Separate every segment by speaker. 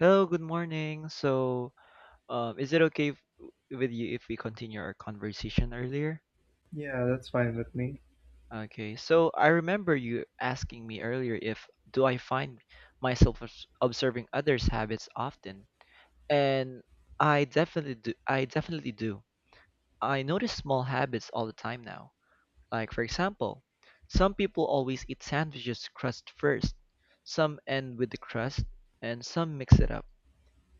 Speaker 1: Hello, good morning. Is it okay if, with you if we continue our conversation earlier?
Speaker 2: Yeah, that's fine with me.
Speaker 1: Okay. So I remember you asking me earlier if do I find myself observing others' habits often, and I definitely do. I definitely do. I notice small habits all the time now. Like for example, some people always eat sandwiches crust first, some end with the crust, and some mix it up.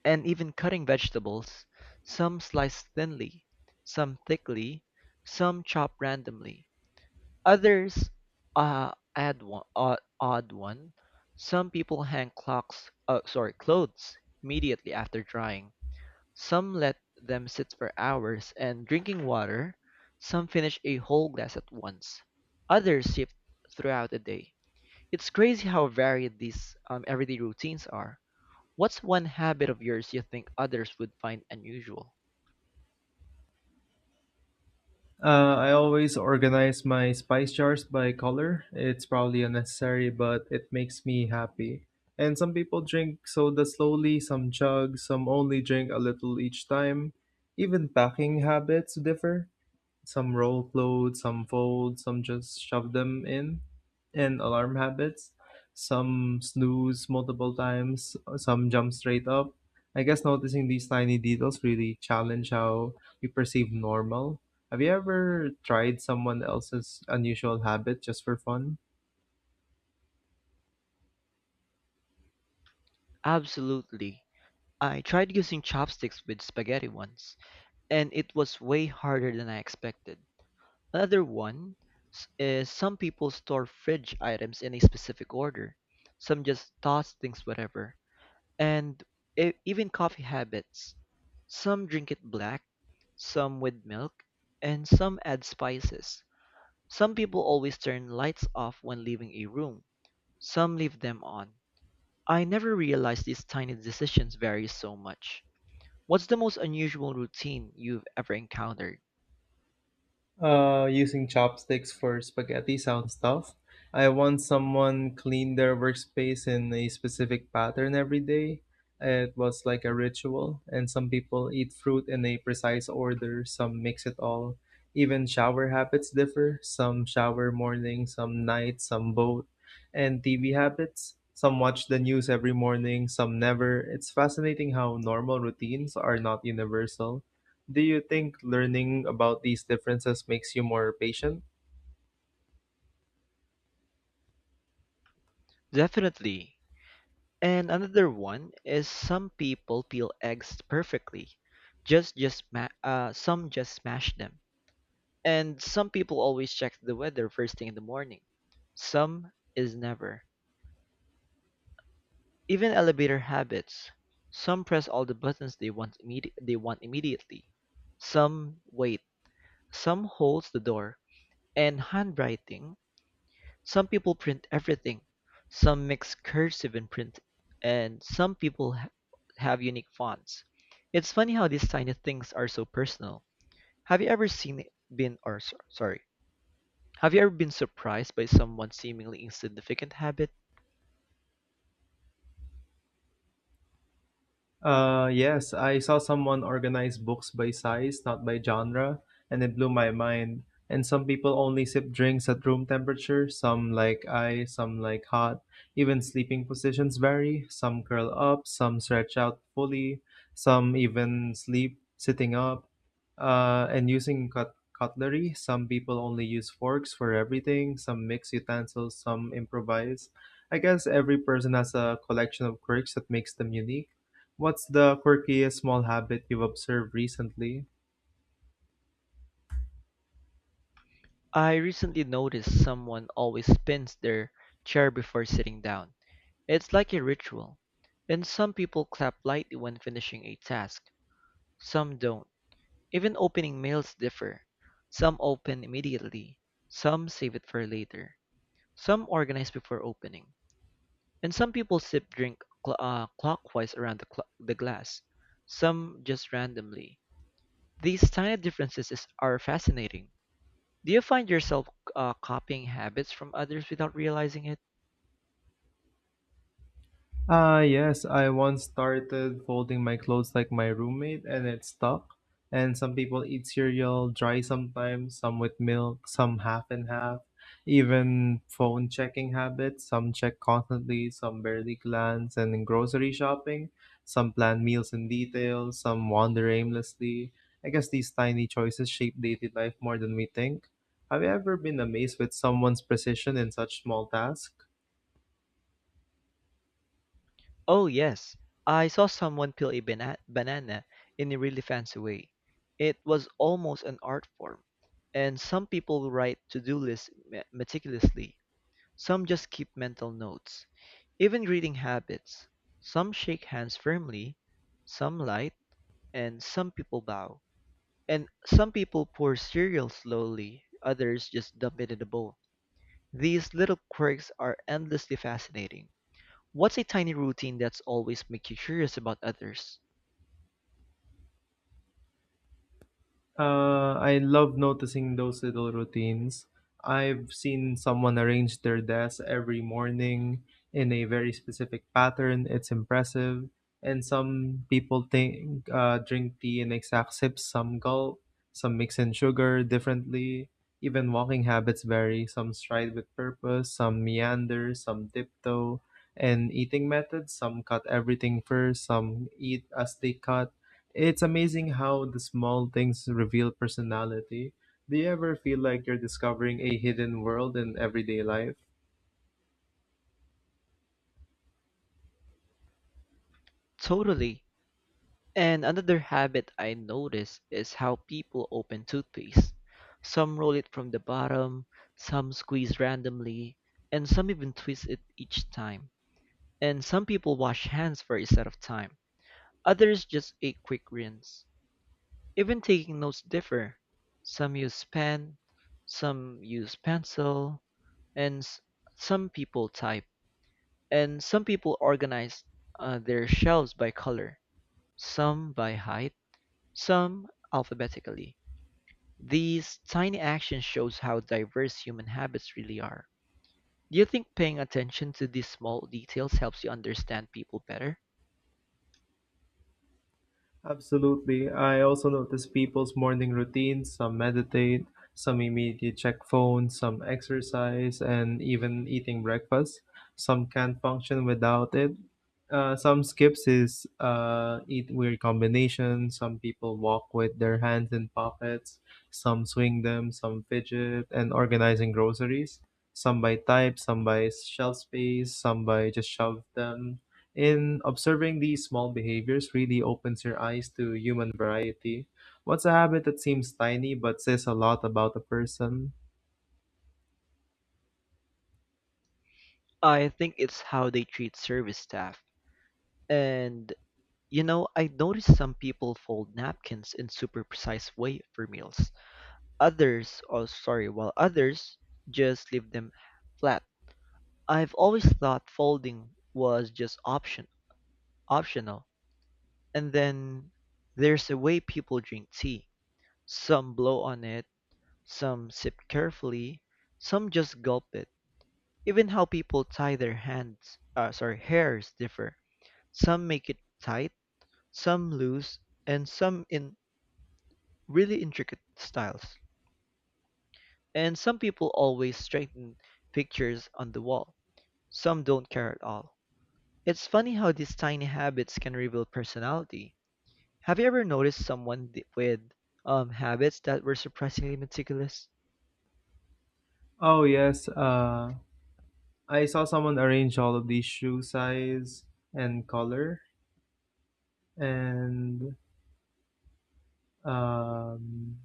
Speaker 1: And even cutting vegetables, some sliced thinly, some thickly, some chopped randomly. Others add odd one. Some people hang clothes immediately after drying. Some let them sit for hours and drinking water. Some finish a whole glass at once. Others shift throughout the day. It's crazy how varied these everyday routines are. What's one habit of yours you think others would find unusual?
Speaker 2: I always organize my spice jars by color. It's probably unnecessary, but it makes me happy. And some people drink soda slowly, some chug, some only drink a little each time. Even packing habits differ. Some roll clothes, some fold, some just shove them in. And alarm habits. Some snooze multiple times, some jump straight up. I guess noticing these tiny details really challenge how we perceive normal. Have you ever tried someone else's unusual habit just for fun?
Speaker 1: Absolutely. I tried using chopsticks with spaghetti once, and it was way harder than I expected. Another one is some people store fridge items in a specific order. Some just toss things whatever. And even coffee habits. Some drink it black, some with milk, and some add spices. Some people always turn lights off when leaving a room. Some leave them on. I never realized these tiny decisions vary so much. What's the most unusual routine you've ever encountered?
Speaker 2: Using chopsticks for spaghetti sounds tough. I want someone clean their workspace in a specific pattern every day. It was like a ritual, and some people eat fruit in a precise order, some mix it all. Even shower habits differ. Some shower morning, some night, some both. And TV habits. Some watch the news every morning, some never. It's fascinating how normal routines are not universal. Do you think learning about these differences makes you more patient?
Speaker 1: Definitely. And another one is some people peel eggs perfectly. Some just smash them. And some people always check the weather first thing in the morning. Some is never. Even elevator habits. Some press all the buttons they want immediately. Some wait. Some holds the door, and handwriting. Some people print everything. Some mix cursive and print, and some people have unique fonts. It's funny how these tiny things are so personal. Have you ever seen been or s- sorry, have you ever been surprised by someone's seemingly insignificant habit?
Speaker 2: Yes, I saw someone organize books by size, not by genre, and it blew my mind. And some people only sip drinks at room temperature, some like ice, some like hot. Even sleeping positions vary. Some curl up, some stretch out fully, some even sleep sitting up. And using cutlery, some people only use forks for everything, some mix utensils, some improvise. I guess every person has a collection of quirks that makes them unique. What's the quirkiest small habit you've observed recently?
Speaker 1: I recently noticed someone always spins their chair before sitting down. It's like a ritual. And some people clap lightly when finishing a task. Some don't. Even opening mails differ. Some open immediately, some save it for later, some organize before opening, and some people clockwise around the glass, some just randomly. These tiny are fascinating. Do you find yourself copying habits from others without realizing it?
Speaker 2: Ah, yes, I once started folding my clothes like my roommate and it stuck. And some people eat cereal dry sometimes, some with milk, some half and half. Even phone checking habits, some check constantly, some barely glance. And in grocery shopping, some plan meals in detail, some wander aimlessly. I guess these tiny choices shape daily life more than we think. Have you ever been amazed with someone's precision in such small tasks?
Speaker 1: Oh, yes. I saw someone peel a banana in a really fancy way. It was almost an art form. And some people write to-do lists meticulously. Some just keep mental notes, even greeting habits. Some shake hands firmly, some light, and some people bow. And some people pour cereal slowly, others just dump it in a bowl. These little quirks are endlessly fascinating. What's a tiny routine that's always make you curious about others?
Speaker 2: I love noticing those little routines. I've seen someone arrange their desk every morning in a very specific pattern. It's impressive. And some people think drink tea in exact sips, some gulp, some mix in sugar differently. Even walking habits vary. Some stride with purpose, some meander, some tiptoe. And eating methods, some cut everything first, some eat as they cut, it's amazing how the small things reveal personality. Do you ever feel like you're discovering a hidden world in everyday life?
Speaker 1: Totally. And another habit I notice is how people open toothpaste. Some roll it from the bottom, some squeeze randomly, and some even twist it each time. And some people wash hands for a set of time. Others just a quick rinse. Even taking notes differ. Some use pen, some use pencil, and some people type. And some people organize their shelves by color, some by height, some alphabetically. These tiny actions shows how diverse human habits really are. Do you think paying attention to these small details helps you understand people better?
Speaker 2: Absolutely. I also notice people's morning routines. Some meditate, some immediately check phones, some exercise, and even eating breakfast. Some can't function without it. Some skips is eat weird combinations. Some people walk with their hands in pockets. Some swing them. Some fidget and organizing groceries. Some by type. Some by shelf space. Some by just shove them in, observing these small behaviors really opens your eyes to human variety. What's a habit that seems tiny but says a lot about a person?
Speaker 1: I think it's how they treat service staff. And you know, I noticed some people fold napkins in super precise way for meals. While others just leave them flat. I've always thought folding was just optional. And then there's the way people drink tea. Some blow on it, some sip carefully, some just gulp it. Even how people tie their hairs differ. Some make it tight, some loose, and some in really intricate styles. And some people always straighten pictures on the wall. Some don't care at all. It's funny how these tiny habits can reveal personality. Have you ever noticed someone with habits that were surprisingly meticulous?
Speaker 2: Oh yes, I saw someone arrange all of these and color and um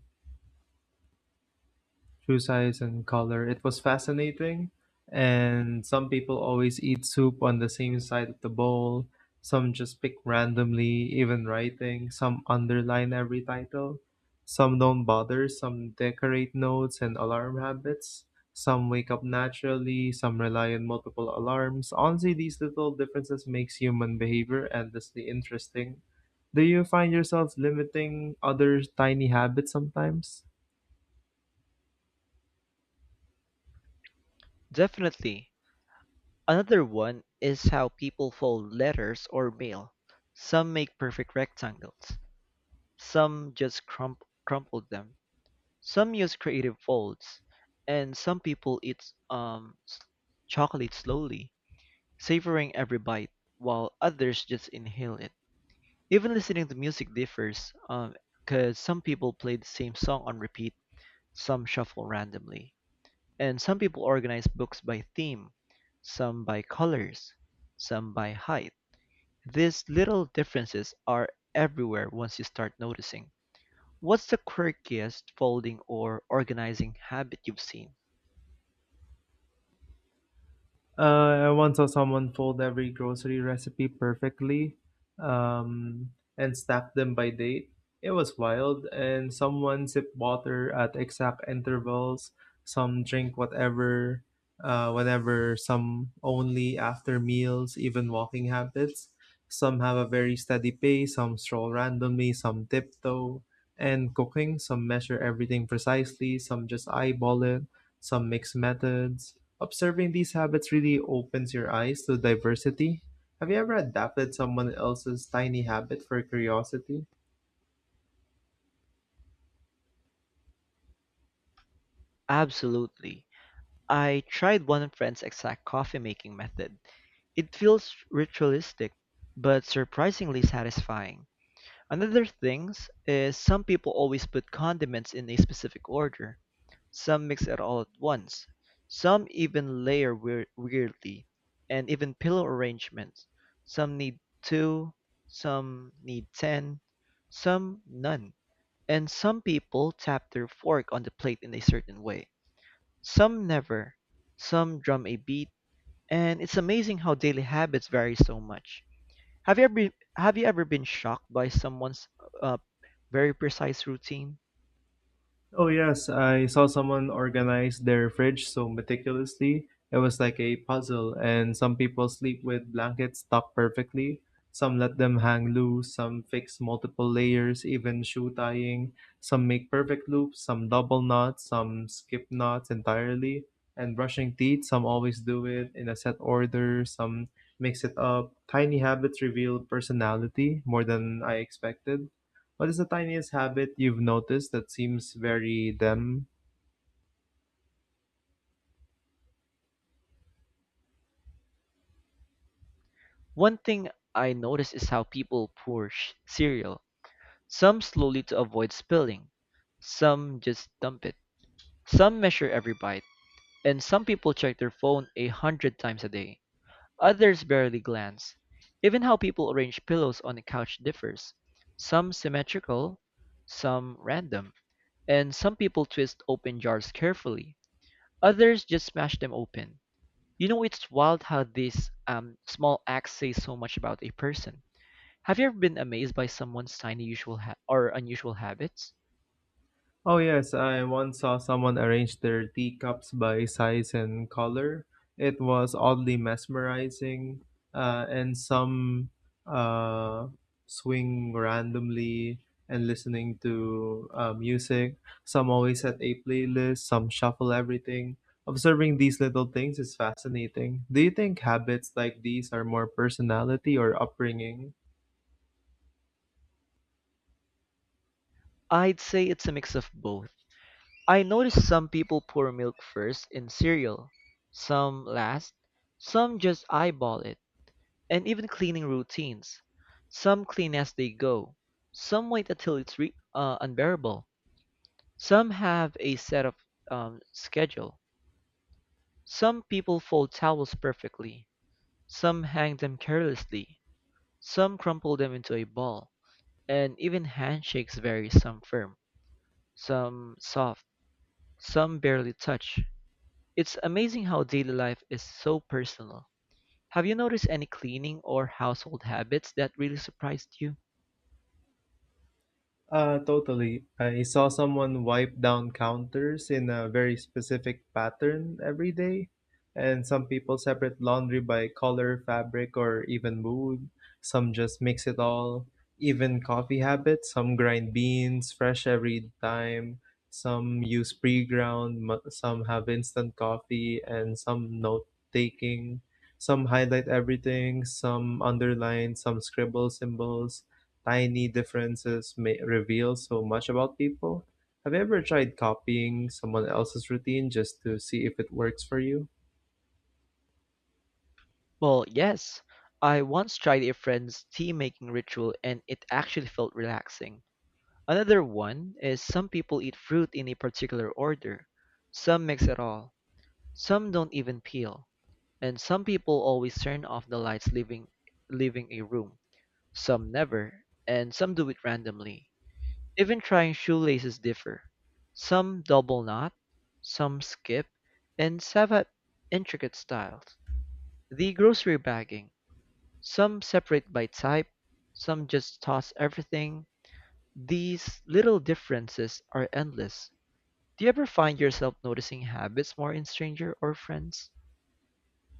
Speaker 2: shoe size and color. It was fascinating. And some people always eat soup on the same side of the bowl. Some just pick randomly, even writing. Some underline every title. Some don't bother. Some decorate notes and alarm habits. Some wake up naturally. Some rely on multiple alarms. Honestly, these little differences makes human behavior endlessly interesting. Do you find yourself limiting other tiny habits sometimes?
Speaker 1: Definitely. Another one is how people fold letters or mail. Some make perfect rectangles, some just crumple them, some use creative folds, and some people eat chocolate slowly, savoring every bite, while others just inhale it. Even listening to music differs, because some people play the same song on repeat, some shuffle randomly, and some people organize books by theme, some by colors, some by height. These little differences are everywhere once you start noticing. What's the quirkiest folding or organizing habit you've seen?
Speaker 2: I once saw someone fold every grocery recipe perfectly, um, and stack them by date. It was wild, and someone sipped water at exact intervals. Some drink whatever, whenever. Some only after meals. Even walking habits. Some have a very steady pace. Some stroll randomly. Some tiptoe. And cooking, some measure everything precisely. Some just eyeball it. Some mix methods. Observing these habits really opens your eyes to diversity. Have you ever adapted someone else's tiny habit for curiosity?
Speaker 1: Absolutely. I tried one friend's exact coffee making method. It feels ritualistic, but surprisingly satisfying. Another things is some people always put condiments in a specific order. Some mix it all at once. Some even layer weirdly, and even pillow arrangements. Some need two, some need ten, some none. And some people tap their fork on the plate in a certain way. Some never. Some drum a beat. And it's amazing how daily habits vary so much. Have you ever been, have you ever been shocked by someone's uh, very precise routine?
Speaker 2: Oh yes, I saw someone organize their fridge so meticulously. It was like a puzzle, and some people sleep with blankets tucked perfectly. Some let them hang loose, some fix multiple layers, even shoe tying. Some make perfect loops, some double knots, some skip knots entirely. And brushing teeth, some always do it in a set order, some mix it up. Tiny habits reveal personality more than I expected. What is the tiniest habit you've noticed that seems very them?
Speaker 1: One thing I notice is how people pour cereal. Some slowly to avoid spilling, some just dump it, some measure every bite, and some people check their phone 100 times a day. Others barely glance. Even how people arrange pillows on the couch differs. Some symmetrical, some random, and some people twist open jars carefully. Others just smash them open. You know, it's wild how these small acts say so much about a person. Have you ever been amazed by someone's tiny usual ha- or unusual habits?
Speaker 2: Oh yes, I once saw someone arrange their teacups by size and color. It was oddly mesmerizing, and some uh, swing randomly and listening to music. Some always set a playlist, some shuffle everything. Observing these little things is fascinating. Do you think habits like these are more personality or upbringing?
Speaker 1: I'd say it's a mix of both. I notice some people pour milk first in cereal, some last, some just eyeball it, and even cleaning routines. Some clean as they go, some wait until it's unbearable, some have a set of schedule, some people fold towels perfectly. Some hang them carelessly, some crumple them into a ball, and even handshakes vary, some firm, some soft, some barely touch. It's amazing how daily life is so personal. Have you noticed any cleaning or household habits that really surprised you?
Speaker 2: Totally. I saw someone wipe down counters in a very specific pattern every day, and some people separate laundry by color, fabric, or even mood. Some just mix it all. Even coffee habits, some grind beans fresh every time. Some use pre-ground, some have instant coffee, and some note-taking. Some highlight everything, some underline, some scribble symbols, tiny differences may reveal so much about people. Have you ever tried copying someone else's routine just to see if it works for you?
Speaker 1: Well, yes. I once tried a friend's tea making ritual and it actually felt relaxing. Another one is some people eat fruit in a particular order, some mix it all. Some don't even peel, and some people always turn off the lights leaving a room. Some never, and some do it randomly. Even trying shoelaces differ. Some double knot, some skip, and some have intricate styles. The grocery bagging. Some separate by type, some just toss everything. These little differences are endless. Do you ever find yourself noticing habits more in strangers or friends?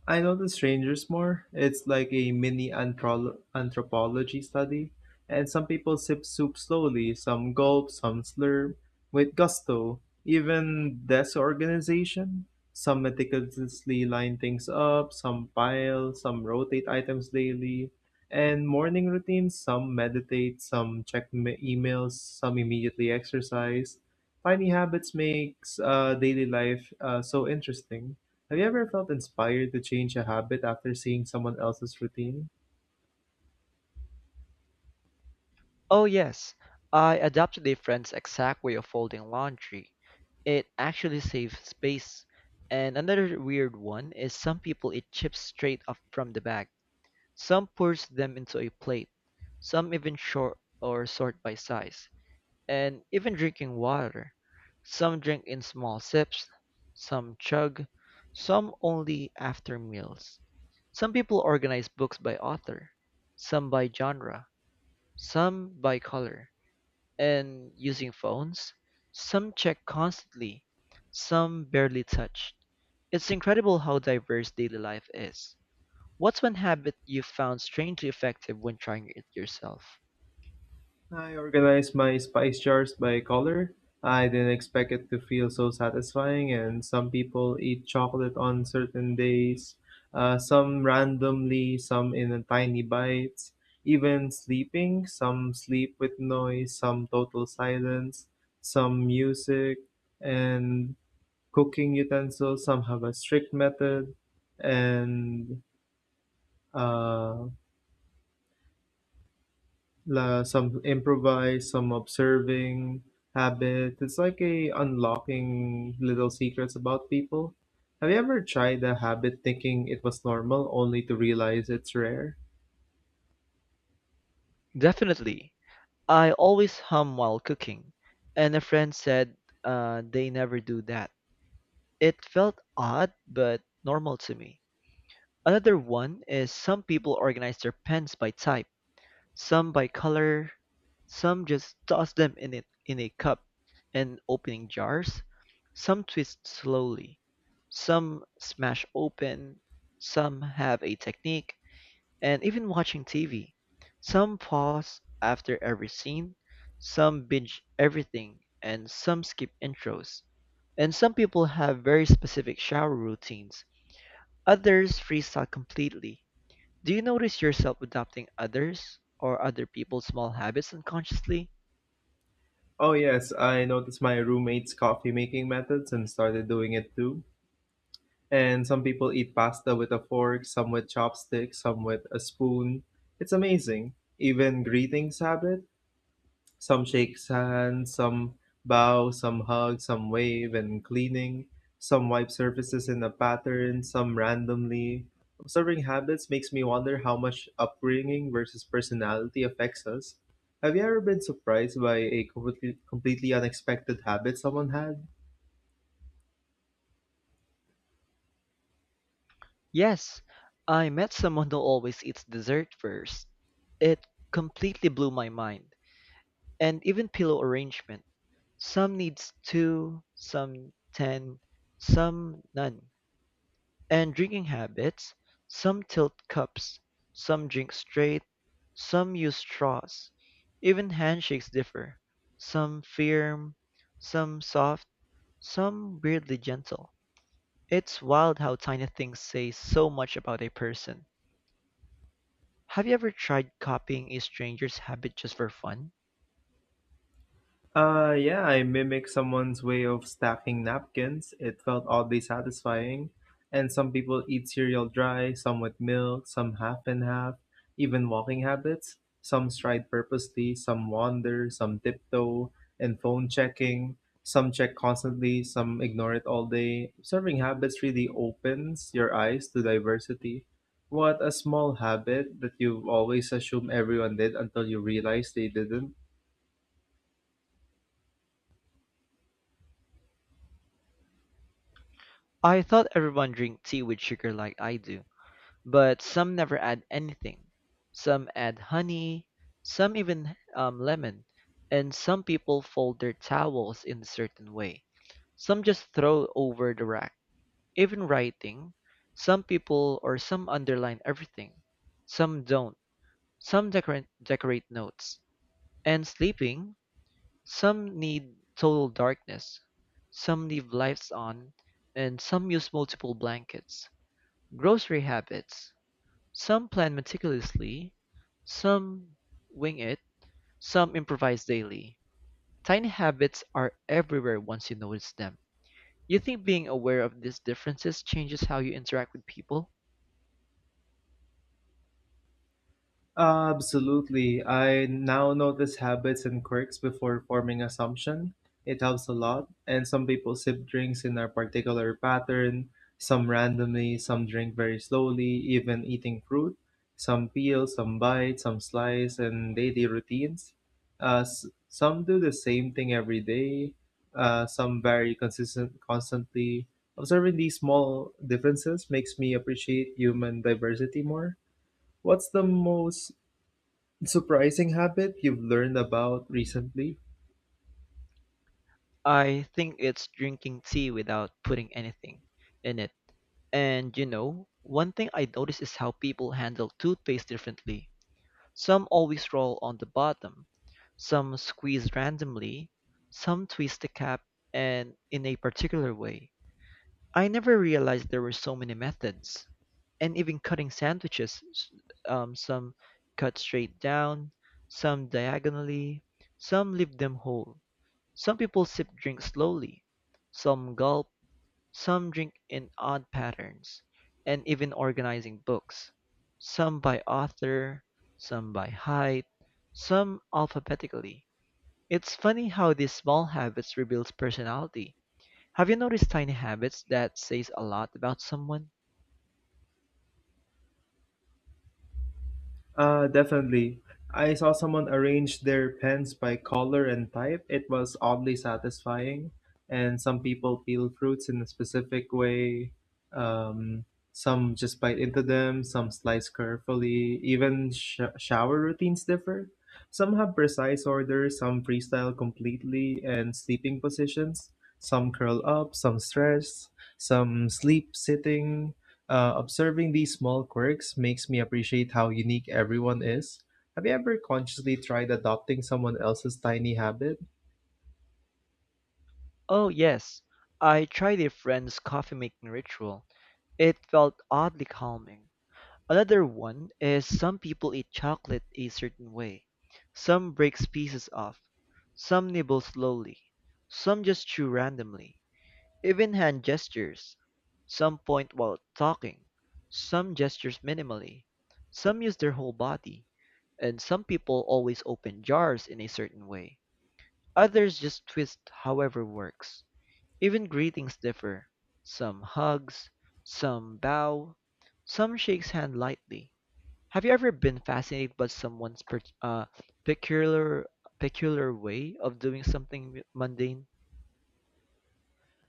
Speaker 2: I notice strangers more. It's like a mini anthropology study. And some people sip soup slowly, some gulp, some slurp, with gusto. Even desk organization. Some meticulously line things up, some pile, some rotate items daily. And morning routines, some meditate, some check emails, some immediately exercise. Tiny habits makes daily life so interesting. Have you ever felt inspired to change a habit after seeing someone else's routine?
Speaker 1: Oh, yes. I adopted a friend's exact way of folding laundry. It actually saves space. And another weird one is some people eat chips straight up from the bag. Some pours them into a plate. Some even short or sort by size. And even drinking water. Some drink in small sips, some chug, some only after meals. Some people organize books by author, some by genre, some by color. And using phones, some check constantly, some barely touch. It's incredible how diverse daily life is. What's one habit you found strangely effective when trying it yourself?
Speaker 2: I organized my spice jars by color. I didn't expect it to feel so satisfying, and some people eat chocolate on certain days, some randomly, some in tiny bites. Even sleeping, some sleep with noise, some total silence, some music, and cooking utensils, some have a strict method, and uh, some improvise, some observing habit. It's like a unlocking little secrets about people. Have you ever tried a habit thinking it was normal only to realize it's rare?
Speaker 1: Definitely. I always hum while cooking, and a friend said they never do that. It felt odd, but normal to me. Another one is some people organize their pens by type, some by color, some just toss them in it in a cup, and opening jars, some twist slowly, some smash open, some have a technique, and even watching TV. Some pause after every scene, some binge everything, and some skip intros. And some people have very specific shower routines, others freestyle completely. Do you notice yourself adopting others or other people's small habits unconsciously?
Speaker 2: Oh yes, I noticed my roommate's coffee making methods and started doing it too. And some people eat pasta with a fork, some with chopsticks, some with a spoon. It's amazing. Even greetings habit. Some shakes hands, some bow, some hug, some wave and cleaning. Some wipe surfaces in a pattern, some randomly. Observing habits makes me wonder how much upbringing versus personality affects us. Have you ever been surprised by a completely unexpected habit someone had?
Speaker 1: Yes, I met someone who always eats dessert first. It completely blew my mind, and even pillow arrangement. Some needs two, some ten, some none. And drinking habits, some tilt cups, some drink straight, some use straws. Even handshakes differ. Some firm, some soft, some weirdly gentle. It's wild how tiny things say so much about a person. Have you ever tried copying a stranger's habit just for fun?
Speaker 2: Yeah, I mimicked someone's way of stacking napkins. It felt oddly satisfying. And some people eat cereal dry, some with milk, some half and half, even walking habits. Some stride purposely, some wander, some tiptoe, and phone checking. Some check constantly, some ignore it all day. Observing habits really opens your eyes to diversity. What a small habit that you always assume everyone did until you realize they didn't.
Speaker 1: I thought everyone drink tea with sugar like I do, but some never add anything. Some add honey, some even lemon, and some people fold their towels in a certain way. Some just throw over the rack. Even writing, some people or some underline everything, some don't, some decorate notes. And sleeping, some need total darkness, some leave lights on, and some use multiple blankets. Grocery habits, some plan meticulously, some wing it, some improvise daily. Tiny habits are everywhere once you notice them. You think being aware of these differences changes how you interact with people?
Speaker 2: Absolutely. I now notice habits and quirks before forming assumption. It helps a lot. And some people sip drinks in a particular pattern, some randomly, some drink very slowly, even eating fruit, some peel, some bite, some slice, and daily routines. Some do the same thing every day. Some vary consistent constantly. Observing these small differences makes me appreciate human diversity more. What's the most surprising habit you've learned about recently?
Speaker 1: I think it's drinking tea without putting anything in it. And you know, one thing I notice is how people handle toothpaste differently. Some always roll on the bottom, some squeeze randomly, some twist the cap and in a particular way. I never realized there were so many methods. And even cutting sandwiches, some cut straight down, some diagonally, some leave them whole. Some people sip drinks slowly, some gulp, some drink in odd patterns, and even organizing books. Some by author, some by height, some alphabetically. It's funny how these small habits reveals personality. Have you noticed tiny habits that says a lot about someone?
Speaker 2: Definitely. I saw someone arrange their pens by color and type. It was oddly satisfying. And some people peel fruits in a specific way. Um, some just bite into them, some slice carefully. Even shower routines differ. Some have precise orders, some freestyle completely, and sleeping positions. Some curl up, some stress, some sleep sitting. Observing these small quirks makes me appreciate how unique everyone is. Have you ever consciously tried adopting someone else's tiny habit?
Speaker 1: Oh yes, I tried a friend's coffee making ritual. It felt oddly calming. Another one is some people eat chocolate a certain way. Some breaks pieces off, some nibble slowly, some just chew randomly. Even hand gestures. Some point while talking, some gestures minimally, some use their whole body, and some people always open jars in a certain way. Others just twist however works. Even greetings differ. Some hugs, some bow, some shakes hand lightly. Have you ever been fascinated by someone's peculiar peculiar way of doing something mundane?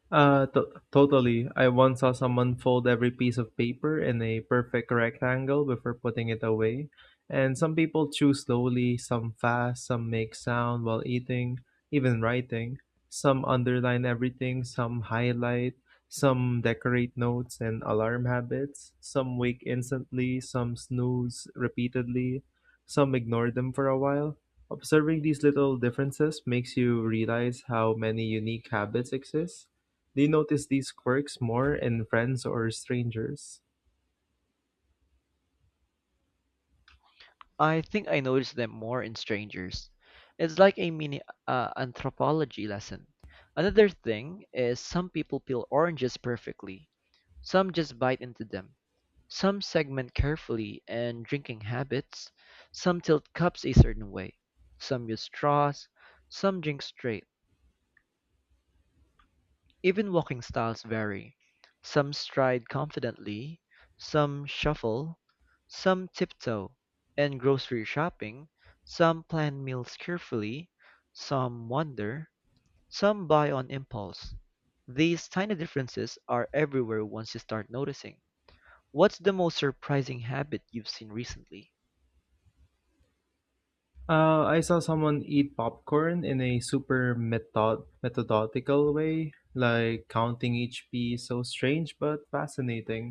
Speaker 2: Uh, t- Totally. I once saw someone fold every piece of paper in a perfect rectangle before putting it away. And some people chew slowly, some fast, some make sound while eating, even writing. Some underline everything, some highlight, some decorate notes and alarm habits. Some wake instantly, some snooze repeatedly, some ignore them for a while. Observing these little differences makes you realize how many unique habits exist. Do you notice these quirks more in friends or strangers?
Speaker 1: I think I notice them more in strangers. It's like a mini anthropology lesson. Another thing is some people peel oranges perfectly. Some just bite into them. Some segment carefully and drinking habits. Some tilt cups a certain way. Some use straws. Some drink straight. Even walking styles vary. Some stride confidently, some shuffle, some tiptoe. In grocery shopping, some plan meals carefully, some wander, some buy on impulse. These tiny differences are everywhere once you start noticing. What's the most surprising habit you've seen recently?
Speaker 2: I saw someone eat popcorn in a super methodical way, like counting each piece. So strange but fascinating.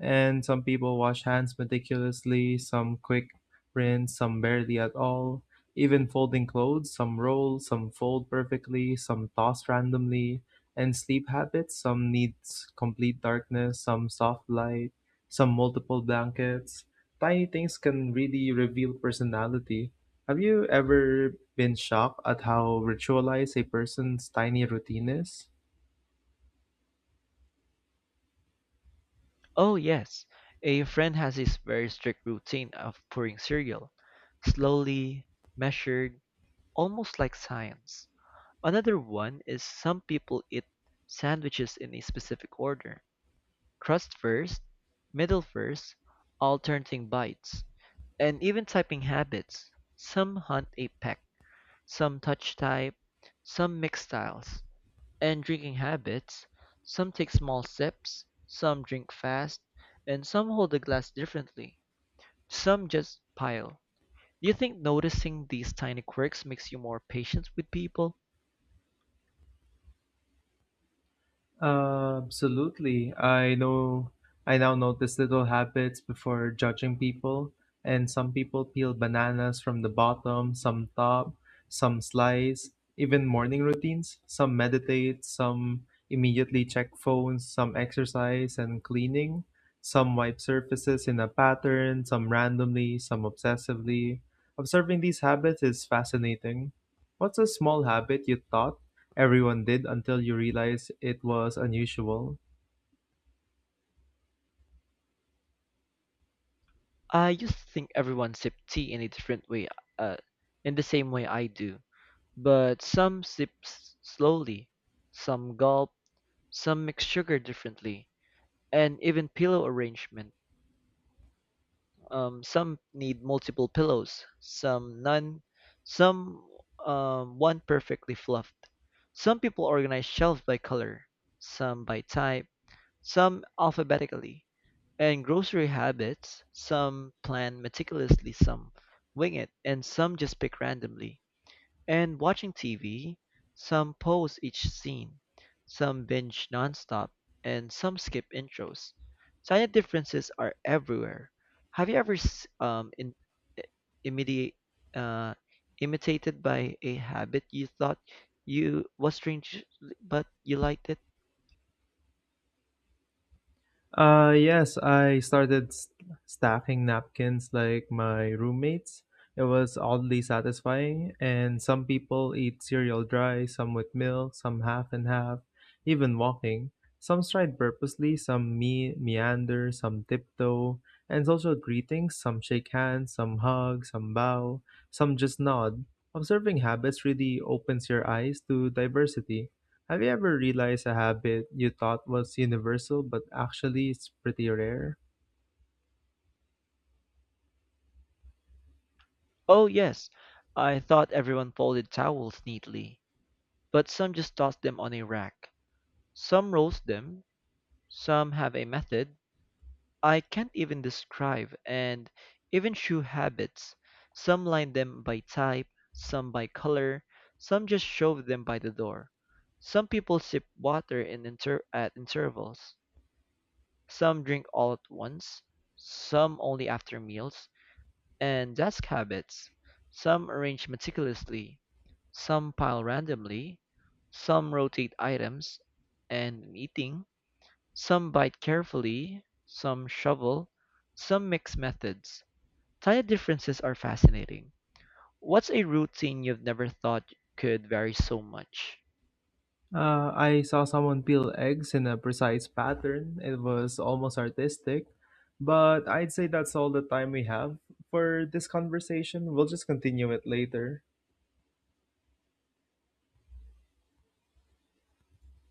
Speaker 2: And some people wash hands meticulously, some quick rinse, some barely at all. Even folding clothes, some roll, some fold perfectly, some toss randomly. And sleep habits, some needs complete darkness, some soft light, some multiple blankets. Tiny things can really reveal personality. Have you ever been shocked at how ritualized a person's tiny routine is?
Speaker 1: Oh, yes. A friend has this very strict routine of pouring cereal, slowly, measured, almost like science. Another one is some people eat sandwiches in a specific order. Crust first, middle first, alternating bites, and even typing habits. Some hunt a peck, some touch type, some mix styles. And drinking habits, some take small sips, some drink fast, and some hold the glass differently. Some just pile. Do you think noticing these tiny quirks makes you more patient with people?
Speaker 2: Absolutely. I now notice little habits before judging people, and some people peel bananas from the bottom, some top, some slice, even morning routines. Some meditate, some immediately check phones, some exercise and cleaning, some wipe surfaces in a pattern, some randomly, some obsessively. Observing these habits is fascinating. What's a small habit you thought everyone did until you realize it was unusual?
Speaker 1: I used to think everyone sipped tea in a different way, uh, in the same way I do. But some sip slowly, some gulp, some mix sugar differently, and even pillow arrangement. Some need multiple pillows, some none, some one perfectly fluffed. Some people organize shelves by color, some by type, some alphabetically. And grocery habits, some plan meticulously, some wing it, and some just pick randomly. And watching TV, some pause each scene, some binge nonstop, and some skip intros. Tiny differences are everywhere. Have you ever i- imidi- uh, imitated by a habit you thought you was strange, but you liked it?
Speaker 2: Yes, I started stacking napkins like my roommates. It was oddly satisfying, and some people eat cereal dry, some with milk, some half and half, even walking. Some stride purposely, some meander, some tiptoe, and social greetings, some shake hands, some hug, some bow, some just nod. Observing habits really opens your eyes to diversity. Have you ever realized a habit you thought was universal but actually it's pretty rare?
Speaker 1: Oh yes, I thought everyone folded towels neatly. But some just toss them on a rack. Some roast them. Some have a method I can't even describe, and even shoe habits. Some line them by type, some by color, some just shove them by the door. Some people sip water in inter- at intervals. Some drink all at once, some only after meals, and desk habits. Some arrange meticulously, some pile randomly, some rotate items, and in eating, some bite carefully, some shovel, some mix methods. Diet differences are fascinating. What's a routine you've never thought could vary so much?
Speaker 2: I saw someone peel eggs in a precise pattern. It was almost artistic, but I'd say that's all the time we have for this conversation. We'll just continue it later.